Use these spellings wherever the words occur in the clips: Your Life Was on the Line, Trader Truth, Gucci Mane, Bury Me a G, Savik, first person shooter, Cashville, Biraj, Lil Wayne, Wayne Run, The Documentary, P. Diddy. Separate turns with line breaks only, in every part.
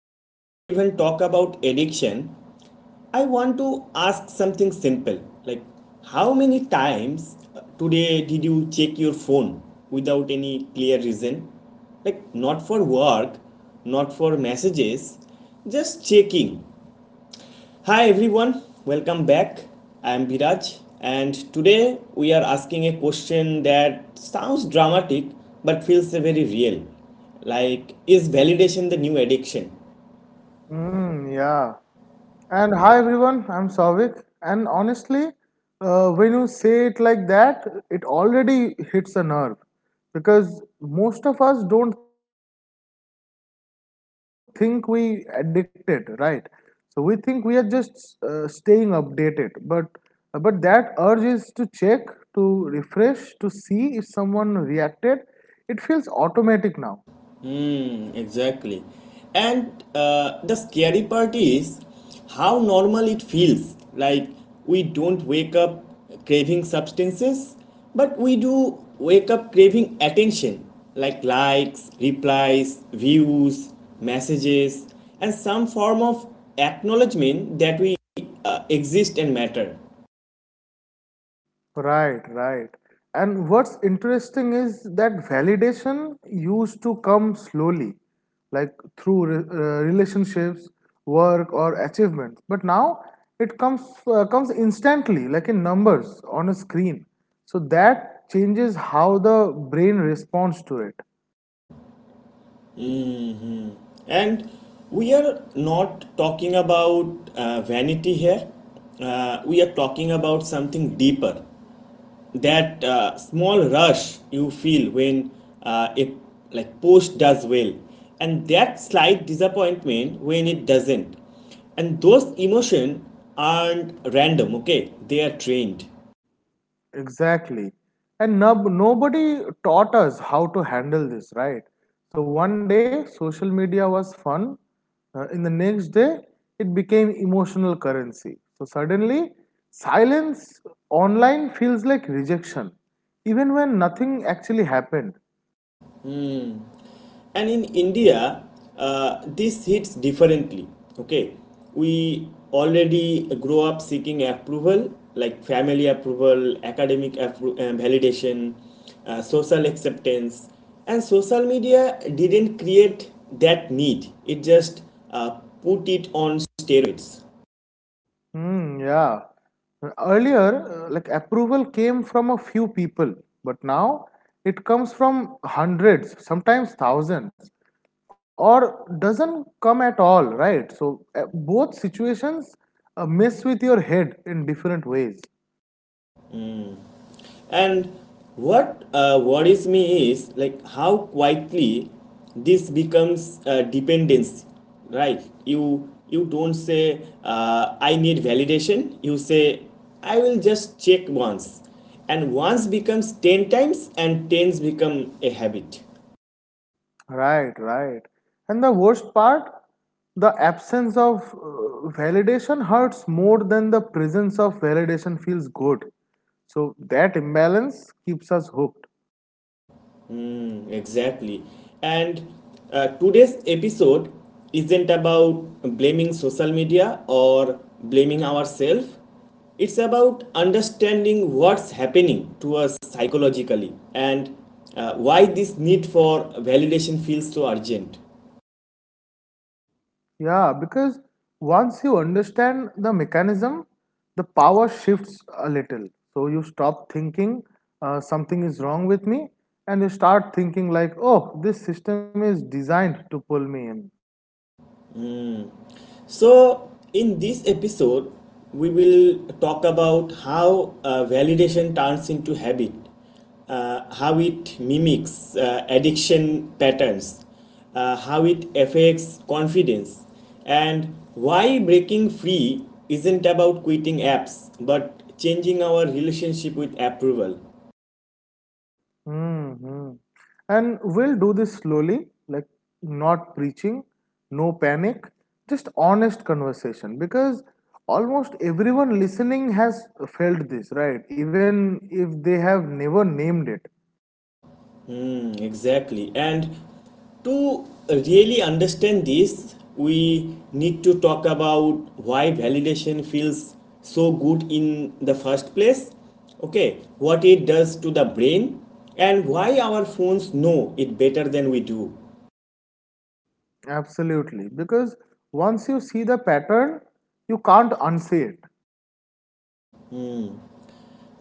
we even talk about addiction, I want to ask something simple, like how many times today did you check your phone without any clear reason? Like, not for work, not for messages, just checking. Hi everyone, welcome back. I am Biraj, and today we are asking a question that sounds dramatic but feels very real. Like, is validation the new addiction?
Mm, yeah. And hi everyone, I'm Savik. And honestly, when you say it like that, it already hits a nerve because most of us don't think we addicted, right? So we think we are just staying updated, but that urge is to check, to refresh, to see if someone reacted. It feels automatic now.
Exactly. And the scary part is how normal it feels. Like, we don't wake up craving substances, but we do wake up craving attention, like likes, replies, views, messages, and some form of acknowledgement that we exist and matter.
Right, right. And what's interesting is that validation used to come slowly, like through relationships, work, or achievements. But now it comes instantly, like in numbers on a screen. So that changes how the brain responds to it.
And we are not talking about vanity here. We are talking about something deeper, that small rush you feel when a like post does well, and that slight disappointment when it doesn't. And those emotions aren't random. Okay, they are trained.
Exactly. And nobody taught us how to handle this, right? So one day social media was fun. In the next day, it became emotional currency. So suddenly, silence online feels like rejection, even when nothing actually happened.
And in India, uh, this hits differently. Okay, we already grow up seeking approval, like family approval, validation, social acceptance. And social media didn't create that need, it just uh, put it on steroids.
Hmm. yeah. Earlier, like approval came from a few people, but now it comes from hundreds, sometimes thousands, or doesn't come at all, right? So, both situations mess with your head in different ways.
And what worries me is like how quietly this becomes a dependency, right? You don't say, I need validation. You say, I will just check once, and once becomes ten times, and tens become a habit.
Right, right. And the worst part, the absence of validation hurts more than the presence of validation feels good. So, that imbalance keeps us hooked.
Mm, exactly. And today's episode isn't about blaming social media or blaming ourselves. It's about understanding what's happening to us psychologically, and why this need for validation feels so urgent.
Yeah, because once you understand the mechanism, the power shifts a little. So you stop thinking something is wrong with me, and you start thinking, like, oh, this system is designed to pull me in.
So, in this episode, we will talk about how validation turns into habit, how it mimics addiction patterns, how it affects confidence, and why breaking free isn't about quitting apps but changing our relationship with approval.
hmm And we'll do this slowly, like not preaching, no panic, just honest conversation, because almost everyone listening has felt this, right? Even if they have never named it.
Mm, exactly. And to really understand this, we need to talk about why validation feels so good in the first place. Okay, what it does to the brain, and why our phones know it better than we do.
Absolutely, because once you see the pattern, you can't unsee it.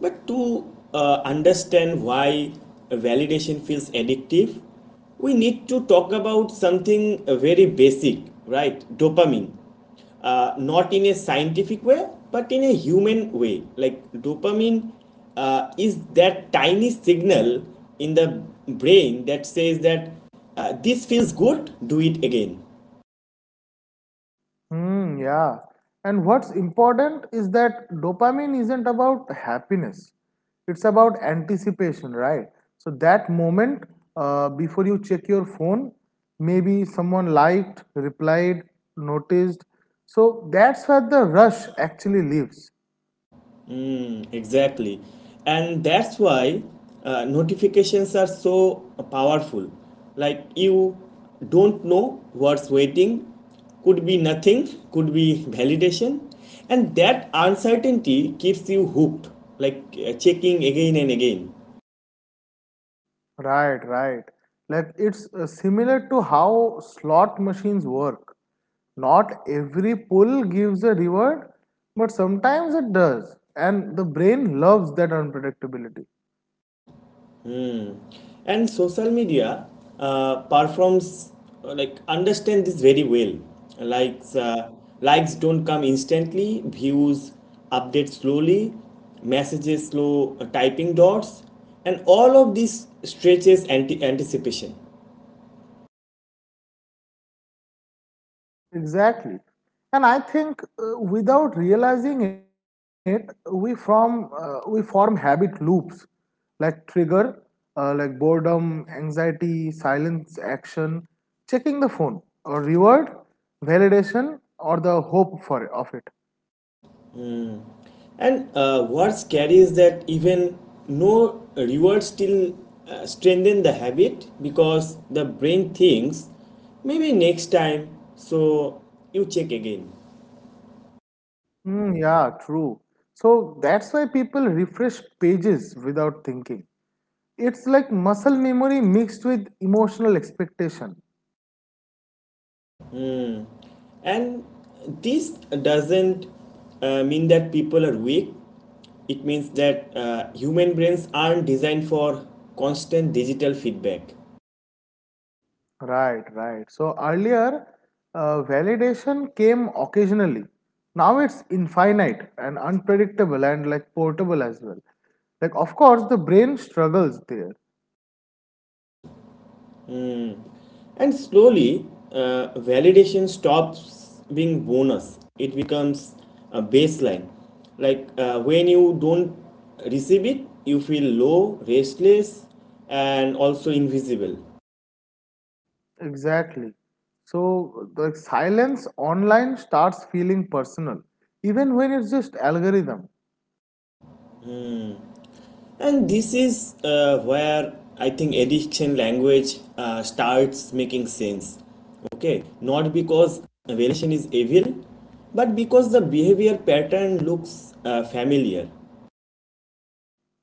But to understand why validation feels addictive, we need to talk about something very basic, right? Dopamine. Not in a scientific way, but in a human way. Like, dopamine is that tiny signal in the brain that says that this feels good, do it again.
Hmm, yeah. And what's important is that dopamine isn't about happiness, it's about anticipation, right? So, that moment before you check your phone, maybe someone liked, replied, noticed. So, that's where the rush actually lives.
Mm, exactly. And that's why notifications are so powerful. Like, you don't know what's waiting, could be nothing, could be validation. And that uncertainty keeps you hooked, like checking again and again.
Right, right. Like it's similar to how slot machines work. Not every pull gives a reward, but sometimes it does. And the brain loves that unpredictability.
And social media performs, like, understand this very well. likes uh, Likes don't come instantly, views update slowly, messages slow, typing dots, and all of this stretches anticipation.
Exactly. And I think without realizing it, we form habit loops like trigger, like boredom, anxiety, silence, action, checking the phone, or reward, validation, or the hope for of it.
And what's scary is that even no reward still strengthen the habit, because the brain thinks maybe next time, so you check again.
Yeah, true. So that's why people refresh pages without thinking. It's like muscle memory mixed with emotional expectation.
And this doesn't mean that people are weak. It means that human brains aren't designed for constant digital feedback.
Right, right. So earlier, validation came occasionally. Now it's infinite and unpredictable and like portable as well. Like, of course, the brain struggles there.
And slowly, validation stops being bonus. It becomes a baseline. Like, when you don't receive it, you feel low, restless, and also invisible.
Exactly. So, the silence online starts feeling personal, even when it's just algorithm.
And this is where I think addiction language starts making sense. Okay, not because variation is evil, but because the behavior pattern looks familiar.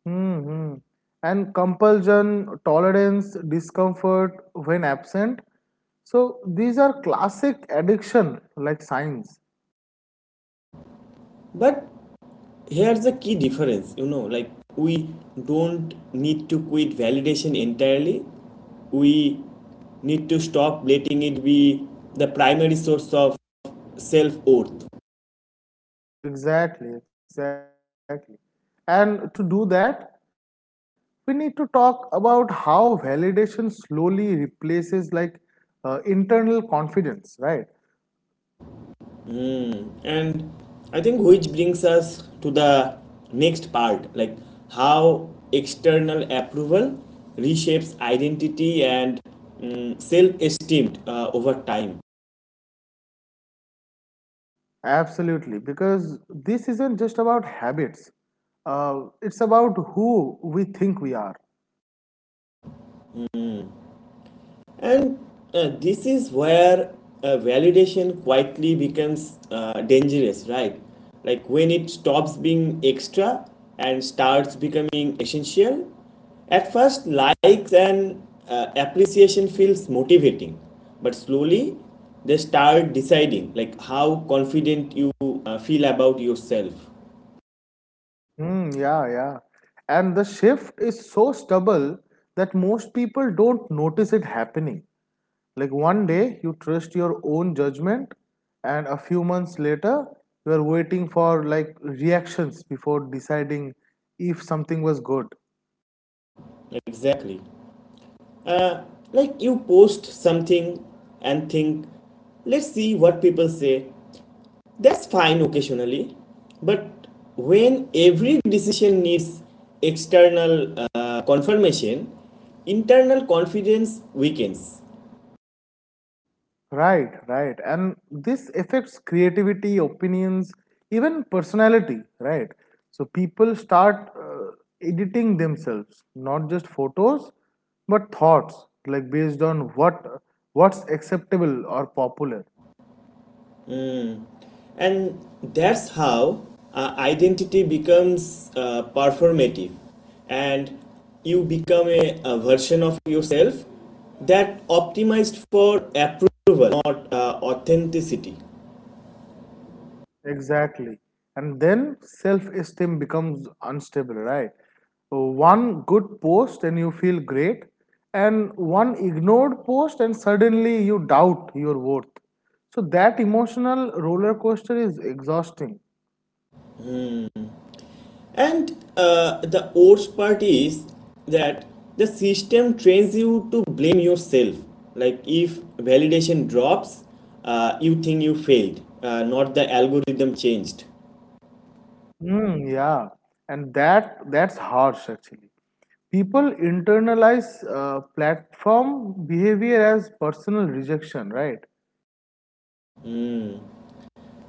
Mm-hmm. And compulsion, tolerance, discomfort when absent. So these are classic addiction like signs.
But here's the key difference, you know. Like, we don't need to quit validation entirely, we need to stop letting it be the primary source of self worth.
Exactly, exactly. And to do that, we need to talk about how validation slowly replaces like internal confidence, right?
Mm. And I think which brings us to the next part, like how external approval reshapes identity and self esteem over time.
Absolutely, because this isn't just about habits. It's about who we think we are.
And this is where validation quietly becomes dangerous, right? Like, when it stops being extra and starts becoming essential. At first, likes and appreciation feels motivating, but slowly they start deciding like how confident you feel about yourself.
Mm, yeah, yeah. And the shift is so stubble that most people don't notice it happening. Like one day you trust your own judgment, and a few months later you are waiting for like reactions before deciding if something was good.
Exactly. Uh, like, you post something and think, let's see what people say. That's fine occasionally, but when every decision needs external confirmation, internal confidence weakens.
Right, right. And this affects creativity, opinions, even personality, right? So people start editing themselves, not just photos, but thoughts, like based on what's acceptable or popular.
And that's how identity becomes performative, and you become a version of yourself that optimized for approval, not authenticity.
Exactly. And then self esteem becomes unstable, right? One good post and you feel great, and one ignored post and suddenly you doubt your worth. So that emotional roller coaster is exhausting.
And the worst part is that the system trains you to blame yourself. Like, if validation drops, you think you failed, not the algorithm changed.
Mm, yeah, and that's harsh actually. People internalize platform behavior as personal rejection, right?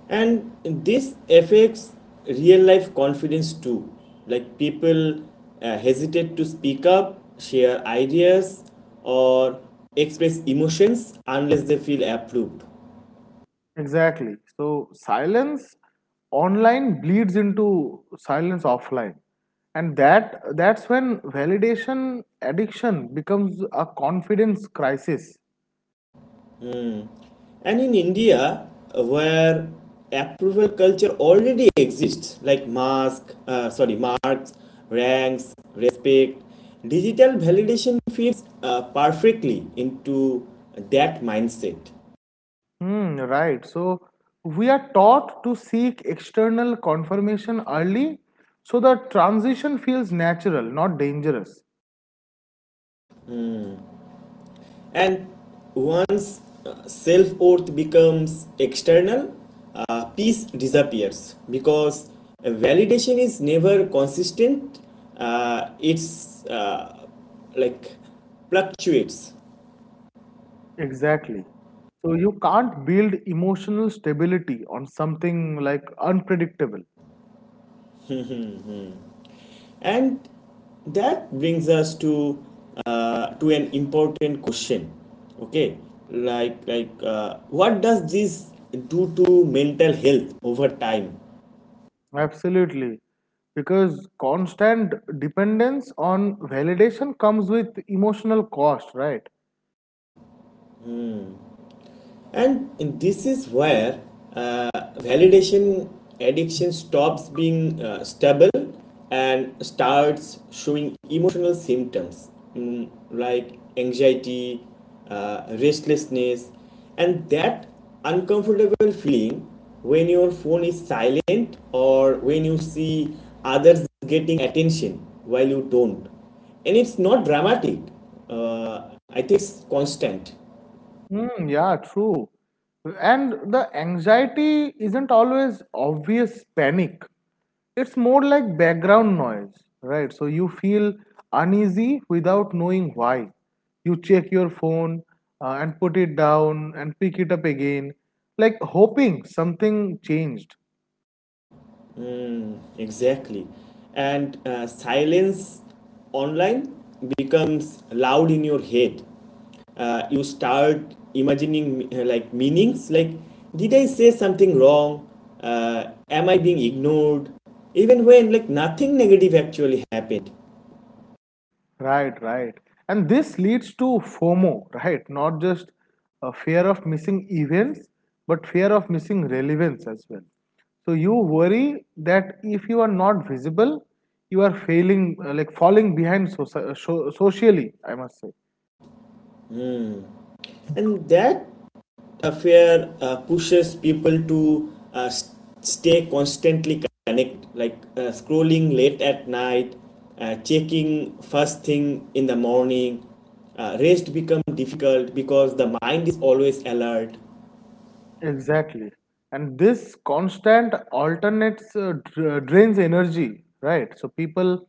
And this affects real life confidence too. Like, people hesitate to speak up, share ideas, or express emotions unless they feel approved.
Exactly. So silence online bleeds into silence offline. And that's when validation addiction becomes a confidence crisis.
And in India, where approval culture already exists, like marks, ranks, respect, digital validation fits perfectly into that mindset.
Hmm, right. So we are taught to seek external confirmation early, so the transition feels natural, not dangerous.
And once self worth becomes external, peace disappears because validation is never consistent. It's like fluctuates.
Exactly. So you can't build emotional stability on something like unpredictable.
And that brings us to an important question. Okay, what does this do to mental health over time?
Absolutely. Because constant dependence on validation comes with emotional cost, right?
And this is where uh, validation addiction stops being stable and starts showing emotional symptoms, mm, like anxiety, restlessness, and that uncomfortable feeling when your phone is silent, or when you see others getting attention while you don't. And it's not dramatic, I think it's constant.
Yeah, true. And the anxiety isn't always obvious panic. It's more like background noise, right? So you feel uneasy without knowing why. You check your phone and put it down and pick it up again, like hoping something changed.
Exactly. And silence online becomes loud in your head. You start imagining like meanings, like, did I say something wrong? Am I being ignored? Even when like nothing negative actually happened.
Right, right. And this leads to FOMO, right? Not just a fear of missing events, but fear of missing relevance as well. So you worry that if you are not visible, you are failing, like falling behind socially, I must say.
And that affair pushes people to stay constantly connect, like scrolling late at night, checking first thing in the morning. Rest become difficult because the mind is always alert.
Exactly. And this constant alternates drains energy, right? So people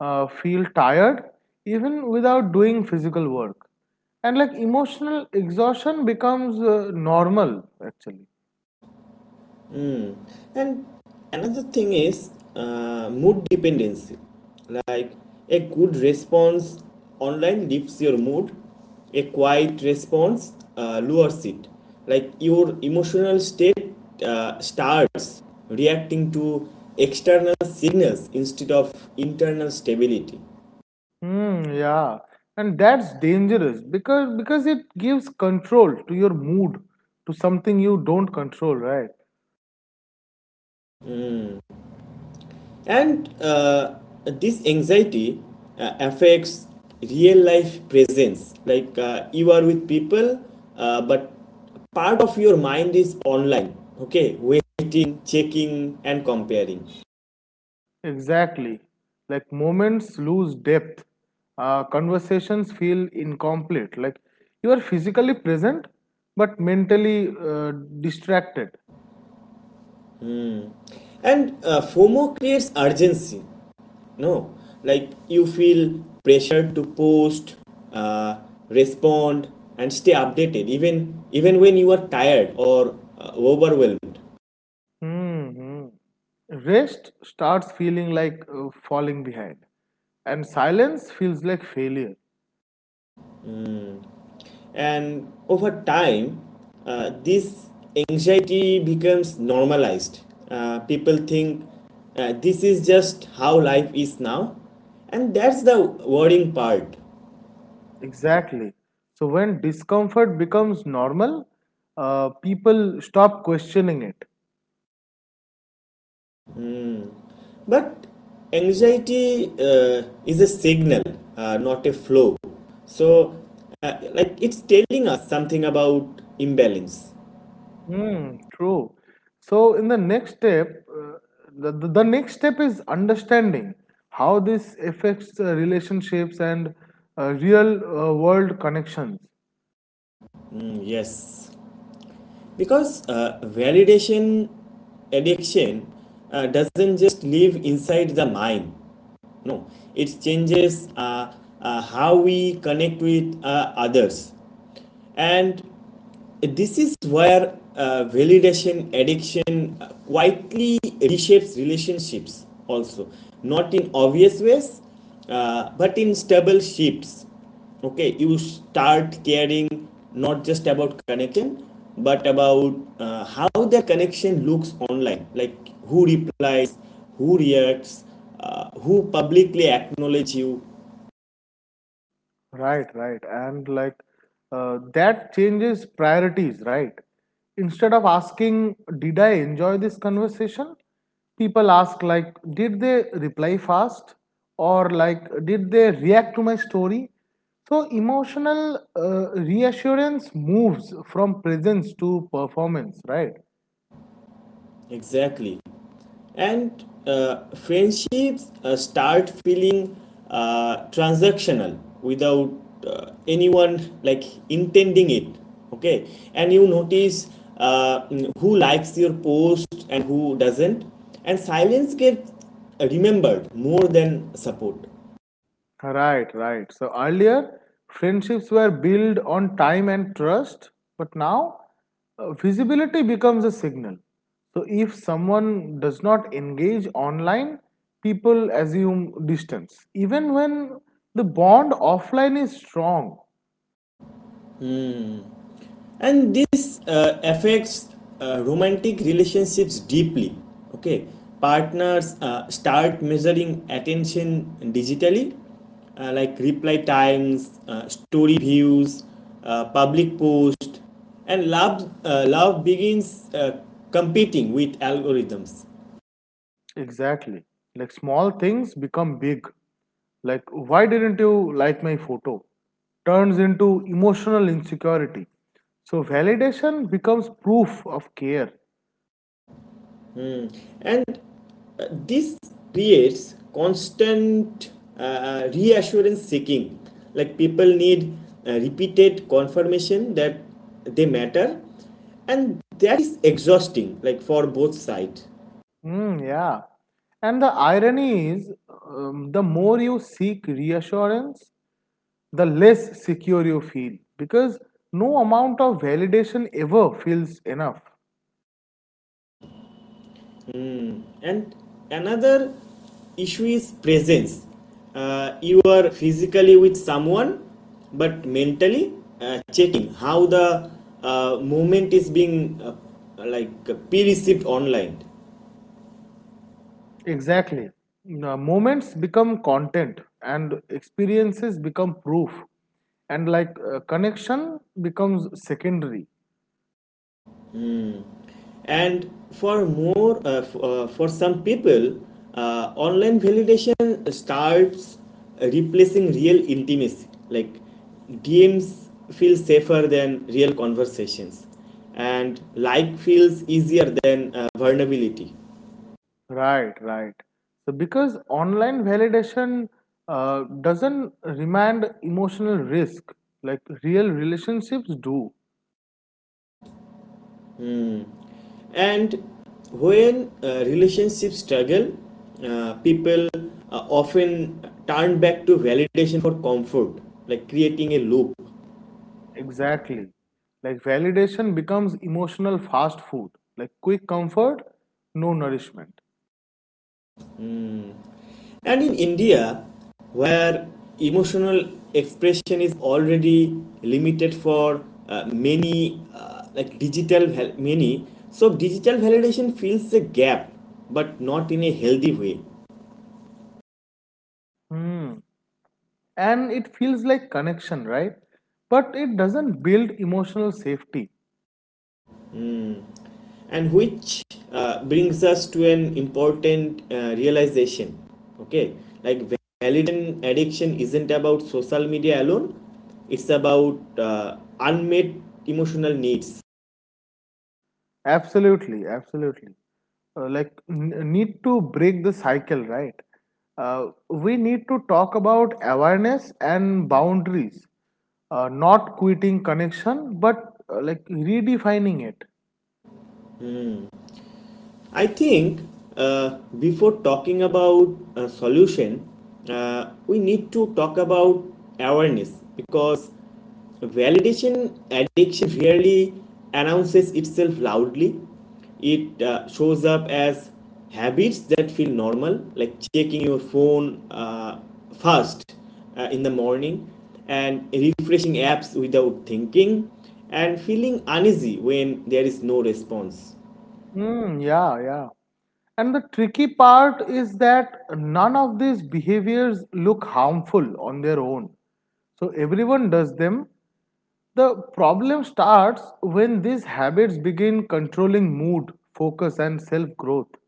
feel tired even without doing physical work. And like emotional exhaustion becomes normal actually.
And another thing is mood dependency. Like, a good response online lifts your mood, a quiet response lowers it. Like, your emotional state starts reacting to external signals instead of internal stability.
Hmm, yeah. And that's dangerous because it gives control to your mood, to something you don't control, right?
And this anxiety affects real life presence. Like, you are with people, but part of your mind is online, okay, waiting, checking, and comparing.
Exactly. Like moments lose depth. Conversations feel incomplete. Like you are physically present but mentally distracted.
And FOMO creates urgency, no? Like, you feel pressure to post, uh, respond, and stay updated, even when you are tired or overwhelmed.
hmm Rest starts feeling like falling behind, and silence feels like failure.
And over time this anxiety becomes normalized. People think this is just how life is now, and that's the worrying part.
Exactly. So when discomfort becomes normal, people stop questioning it.
But anxiety is a signal, not a flow. So like, it's telling us something about imbalance.
Hmm. True. So, in the next step, the next step is understanding how this affects relationships and real world connections.
Mm, yes, because validation addiction doesn't just live inside the mind. No, it changes how we connect with others. And this is where validation addiction quietly reshapes relationships, also, not in obvious ways, but in stable shifts. Okay, you start caring not just about connection, but about how the connection looks online, like, who replies, who reacts, who publicly acknowledges you.
Right, right. And like that changes priorities, right? Instead of asking, did I enjoy this conversation? People ask, like, did they reply fast? Or like, did they react to my story? So emotional reassurance moves from presence to performance, right?
Exactly. And friendships start feeling transactional without anyone like intending it. Okay, and you notice uh, who likes your post and who doesn't, and silence gets remembered more than support.
Right, right. So earlier, friendships were built on time and trust, but now visibility becomes a signal. So if someone does not engage online, people assume distance, even when the bond offline is strong.
And this affects romantic relationships deeply. Okay, partners start measuring attention digitally, like reply times, story views, public post, and love begins competing with algorithms.
Exactly. Like small things become big. Like, why didn't you like my photo? Turns into emotional insecurity. So validation becomes proof of care.
And this creates constant reassurance seeking, like, people need repeated confirmation that they matter, and that is exhausting, like, for both sides.
Mm, yeah. And the irony is, the more you seek reassurance, the less secure you feel because no amount of validation ever feels enough.
And another issue is presence. You are physically with someone but mentally checking how the movement is being perceived online.
Exactly. Moments become content and experiences become proof, and like connection becomes secondary.
And for some people, online validation starts replacing real intimacy. Like, DMs feel safer than real conversations, and like feels easier than vulnerability.
Right, right. So because online validation doesn't remand emotional risk like real relationships do.
And when relationships struggle, people often turn back to validation for comfort, like creating a loop.
Exactly. Like validation becomes emotional fast food, like quick comfort, no nourishment.
And in India, where emotional expression is already limited for many, so digital validation fills a gap, but not in a healthy way.
Hmm. And it feels like connection, right? But it doesn't build emotional safety.
And which brings us to an important realization. Okay, like, validation addiction isn't about social media alone, it's about unmet emotional needs.
Absolutely, absolutely. Like need to break the cycle, right? We need to talk about awareness and boundaries, not quitting connection but like redefining it.
I think before talking about a solution, we need to talk about awareness, because validation addiction rarely announces itself loudly. It shows up as habits that feel normal, like checking your phone first in the morning, and refreshing apps without thinking, and feeling uneasy when there is no response.
mm, yeah yeah and the tricky part is that none of these behaviors look harmful on their own, so everyone does them. The problem starts when these habits begin controlling mood, focus and self growth.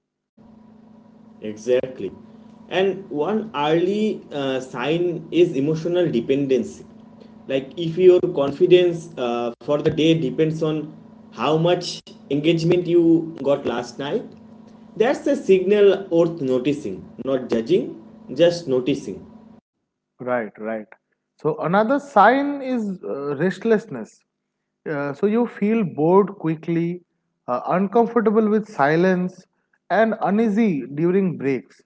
Exactly. And one early sign is emotional dependency. Like, if your confidence for the day depends on how much engagement you got last night, that's a signal worth noticing, not judging, just noticing.
Right, right. So another sign is restlessness. So you feel bored quickly, uncomfortable with silence, and uneasy during breaks.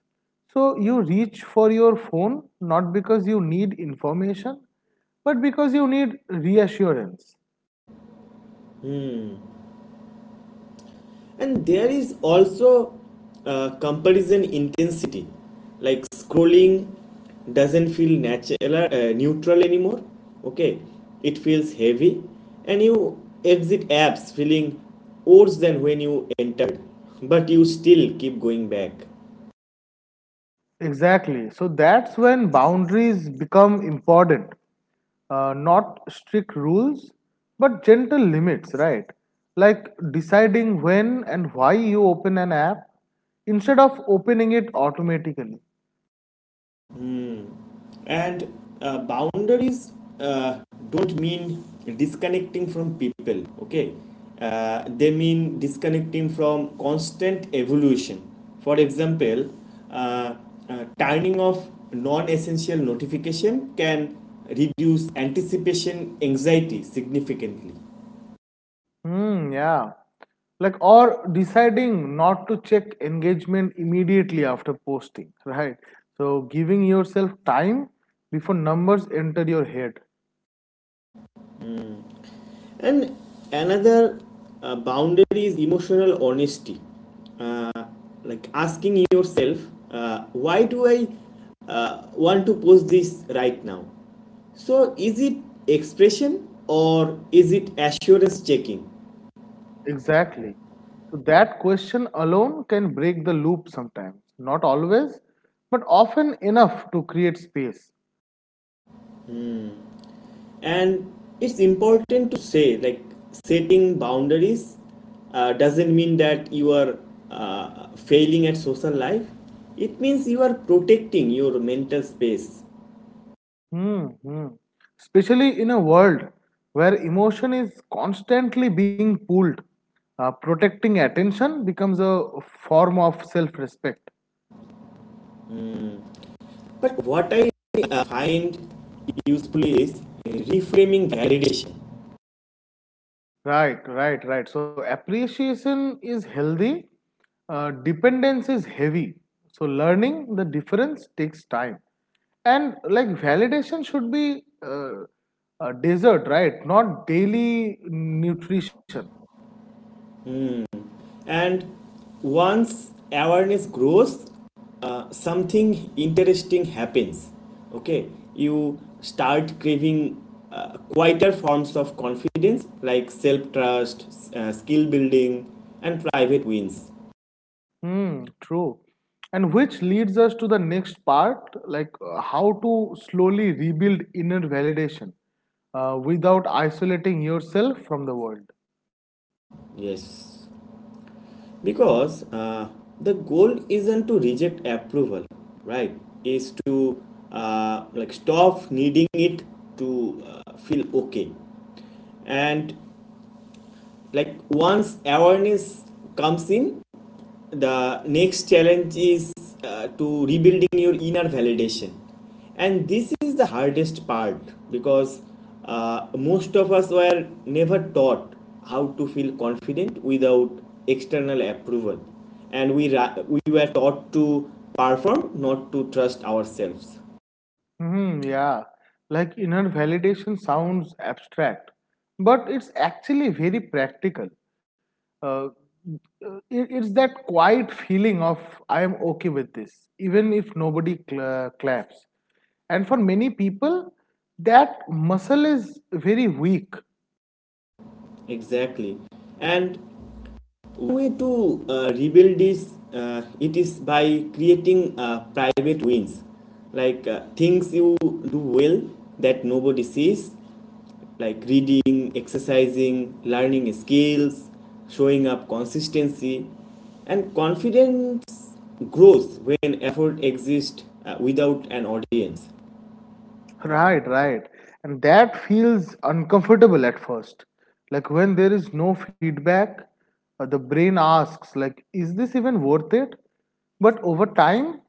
So you reach for your phone not because you need information, but because you need reassurance.
And there is also comparison intensity, like scrolling doesn't feel natural, neutral anymore, okay. It feels heavy and you exit apps feeling worse than when you entered, but you still keep going back.
Exactly. So that's when boundaries become important. Not strict rules, but gentle limits, right? Like deciding when and why you open an app instead of opening it automatically.
And boundaries uh, don't mean disconnecting from people, okay. They mean disconnecting from constant evolution. For example, uh, turning off non-essential notification can reduce anticipation anxiety significantly.
Hmm, yeah. Like, or deciding not to check engagement immediately after posting, right? So, giving yourself time before numbers enter your head.
And another boundary is emotional honesty, like asking yourself, why do I want to post this right now? So is it expression or is it assurance checking?
Exactly. So that question alone can break the loop sometimes. Not always, but often enough to create space.
And it's important to say, like, setting boundaries doesn't mean that you are failing at social life. It means you are protecting your mental space.
Hmm. hmm. Especially in a world where emotion is constantly being pulled, protecting attention becomes a form of self respect.
But what I find useful is reframing validation.
Right, right, right. So appreciation is healthy, dependence is heavy. So learning the difference takes time. And like validation should be a dessert, right? Not daily nutrition.
And once awareness grows, something interesting happens. Okay, you start craving quieter forms of confidence, like self trust, skill building, and private wins.
True. And which leads us to the next part, like how to slowly rebuild inner validation without isolating yourself from the world.
Yes, because the goal isn't to reject approval, right? Is to like stop needing it to feel okay. And like once awareness comes in, the next challenge is to rebuilding your inner validation. And this is the hardest part, because most of us were never taught how to feel confident without external approval. And we were taught to perform, not to trust ourselves.
Hmm, yeah, like inner validation sounds abstract, but it's actually very practical. Uh, it's that quiet feeling of I am okay with this, even if nobody claps. And for many people, that muscle is very weak.
Exactly. And way to rebuild this, it is by creating private wins, like things you do well that nobody sees, like reading, exercising, learning skills, showing up consistency. And confidence grows when effort exists without an audience.
Right, right. And that feels uncomfortable at first. Like when there is no feedback, the brain asks like is this even worth it? But over time,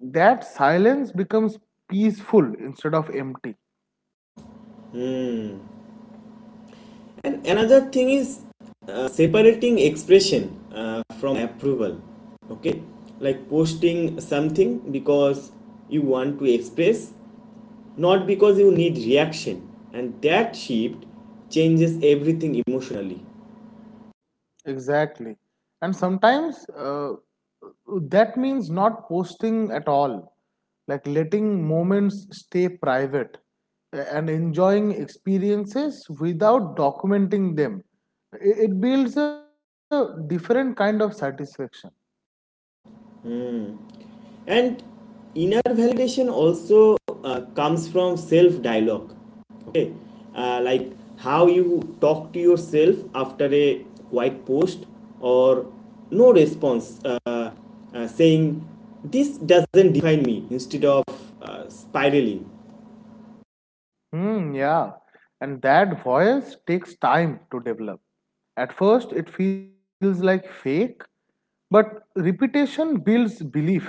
that silence becomes peaceful instead of empty.
Hmm. And another thing is separating expression from approval. Okay, like posting something because you want to express, not because you need reaction. And that shift changes everything emotionally.
Exactly. And sometimes that means not posting at all, like letting moments stay private and enjoying experiences without documenting them. It builds a different kind of satisfaction.
And inner validation also comes from self dialogue, okay. Like how you talk to yourself after a white post or no response, saying this doesn't define me, instead of spiraling.
Hmm, yeah. And that voice takes time to develop. At first, it feels like fake, but repetition builds belief, right?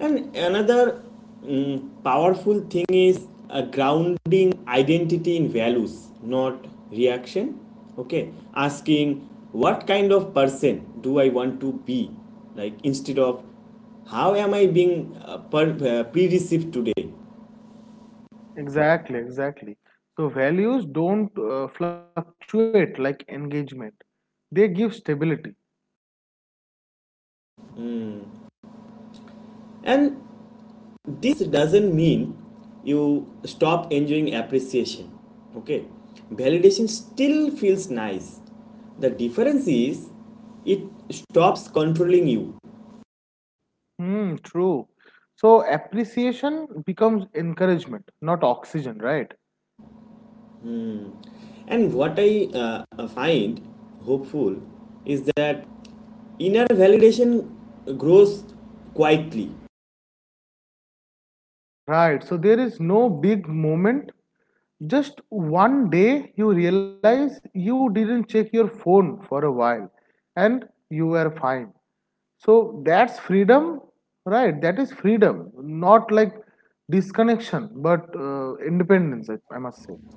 And another, powerful thing is a grounding identity in values, not reaction. Okay, asking, what kind of person do I want to be, like instead of, how am I being pre-received today.
Exactly, exactly. So values don't fluctuate like engagement. They give stability.
And this doesn't mean you stop enjoying appreciation. Okay, validation still feels nice. The difference is it stops controlling you.
True. So appreciation becomes encouragement, not oxygen, right?
And what I find hopeful is that inner validation grows quietly.
Right. So there is no big moment. Just one day you realize you didn't check your phone for a while and you were fine. So that's freedom, right? That is freedom, not like disconnection, but independence, I must say.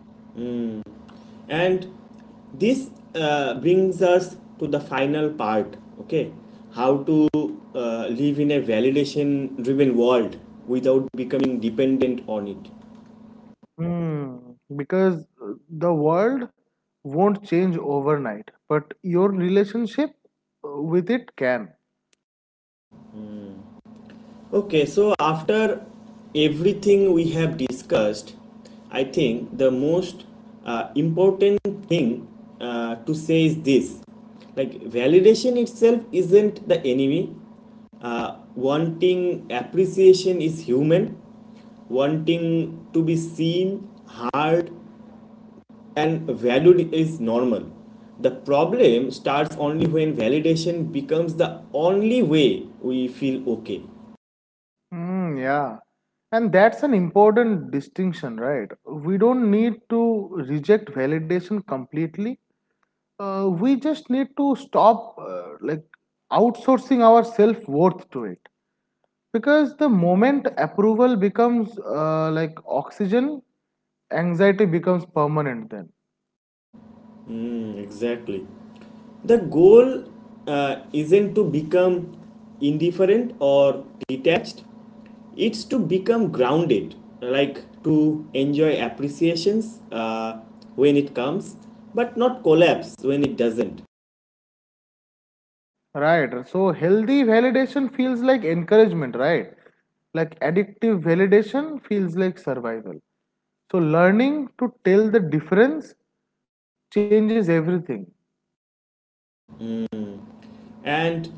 And this brings us to the final part, okay? How to live in a validation driven world without becoming dependent on it.
Hmm. Because the world won't change overnight, but your relationship with it can.
Okay, so after everything we have discussed, I think the most important thing to say is this, like validation itself isn't the enemy. Wanting appreciation is human, wanting to be seen, heard, and valued is normal. The problem starts only when validation becomes the only way we feel okay.
Mm, yeah. And that's an important distinction, right? We don't need to reject validation completely. We just need to stop like outsourcing our self-worth to it. Because the moment approval becomes like oxygen, anxiety becomes permanent then.
Mm, exactly. The goal isn't to become indifferent or detached, it's to become grounded, like to enjoy appreciations when it comes, but not collapse when it doesn't.
Right. So healthy validation feels like encouragement, right? Like addictive validation feels like survival. So learning to tell the difference changes everything.
And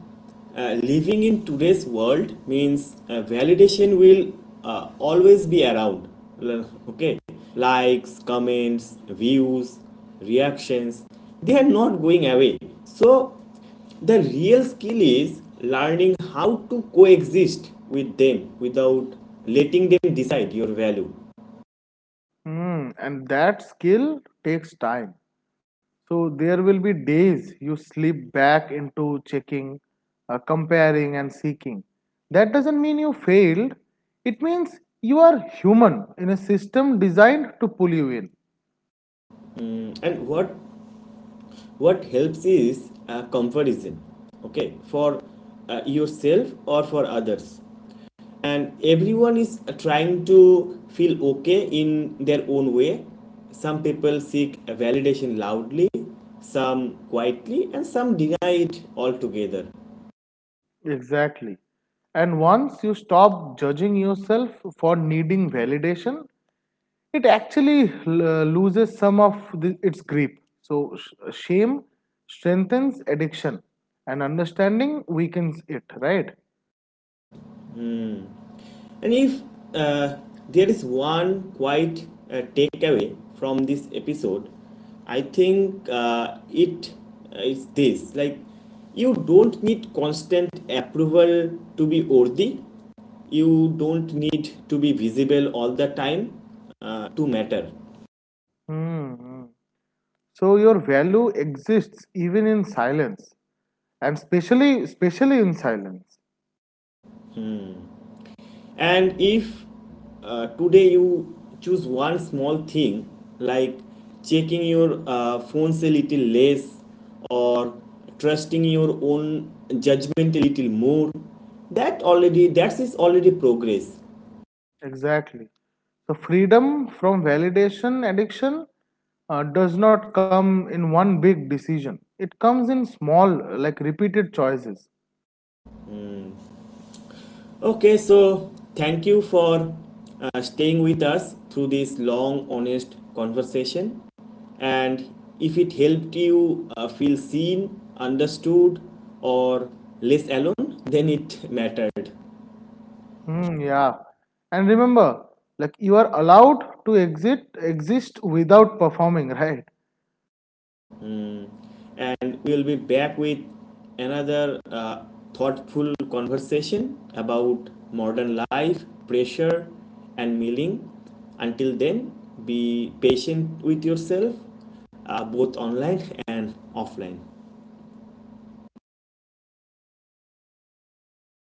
living in today's world means validation will always be around. Okay, likes, comments, views, reactions, they are not going away. So the real skill is learning how to coexist with them without letting them decide your value.
Hmm, and that skill takes time. So there will be days you slip back into checking, comparing, and seeking. That doesn't mean you failed, it means you are human in a system designed to pull you in.
And what helps is comparison, okay, for yourself or for others. And everyone is trying to feel okay in their own way. Some people seek validation loudly, some quietly, and some deny it altogether.
Exactly. And once you stop judging yourself for needing validation, it actually loses some of its grip. So, shame strengthens addiction and understanding weakens it, right?
And if uh, there is one quiet takeaway from this episode, I think it is this, like you don't need constant approval to be worthy. You don't need to be visible all the time to matter.
Hmm. hmm. So, your value exists even in silence and especially, especially in silence.
And if today you choose one small thing, like checking your phones a little less, or trusting your own judgment a little more, that already that is already progress.
Exactly. So, freedom from validation addiction does not come in one big decision, it comes in small, like repeated choices.
Okay, so thank you for staying with us through this long, honest conversation. And if it helped you feel seen, understood, or less alone, then it mattered.
Mm, yeah. And remember, like you are allowed to exit exist without performing, right?
Mm. And we will be back with another thoughtful conversation about modern life, pressure, and milling. Until then, be patient with yourself, both online and offline.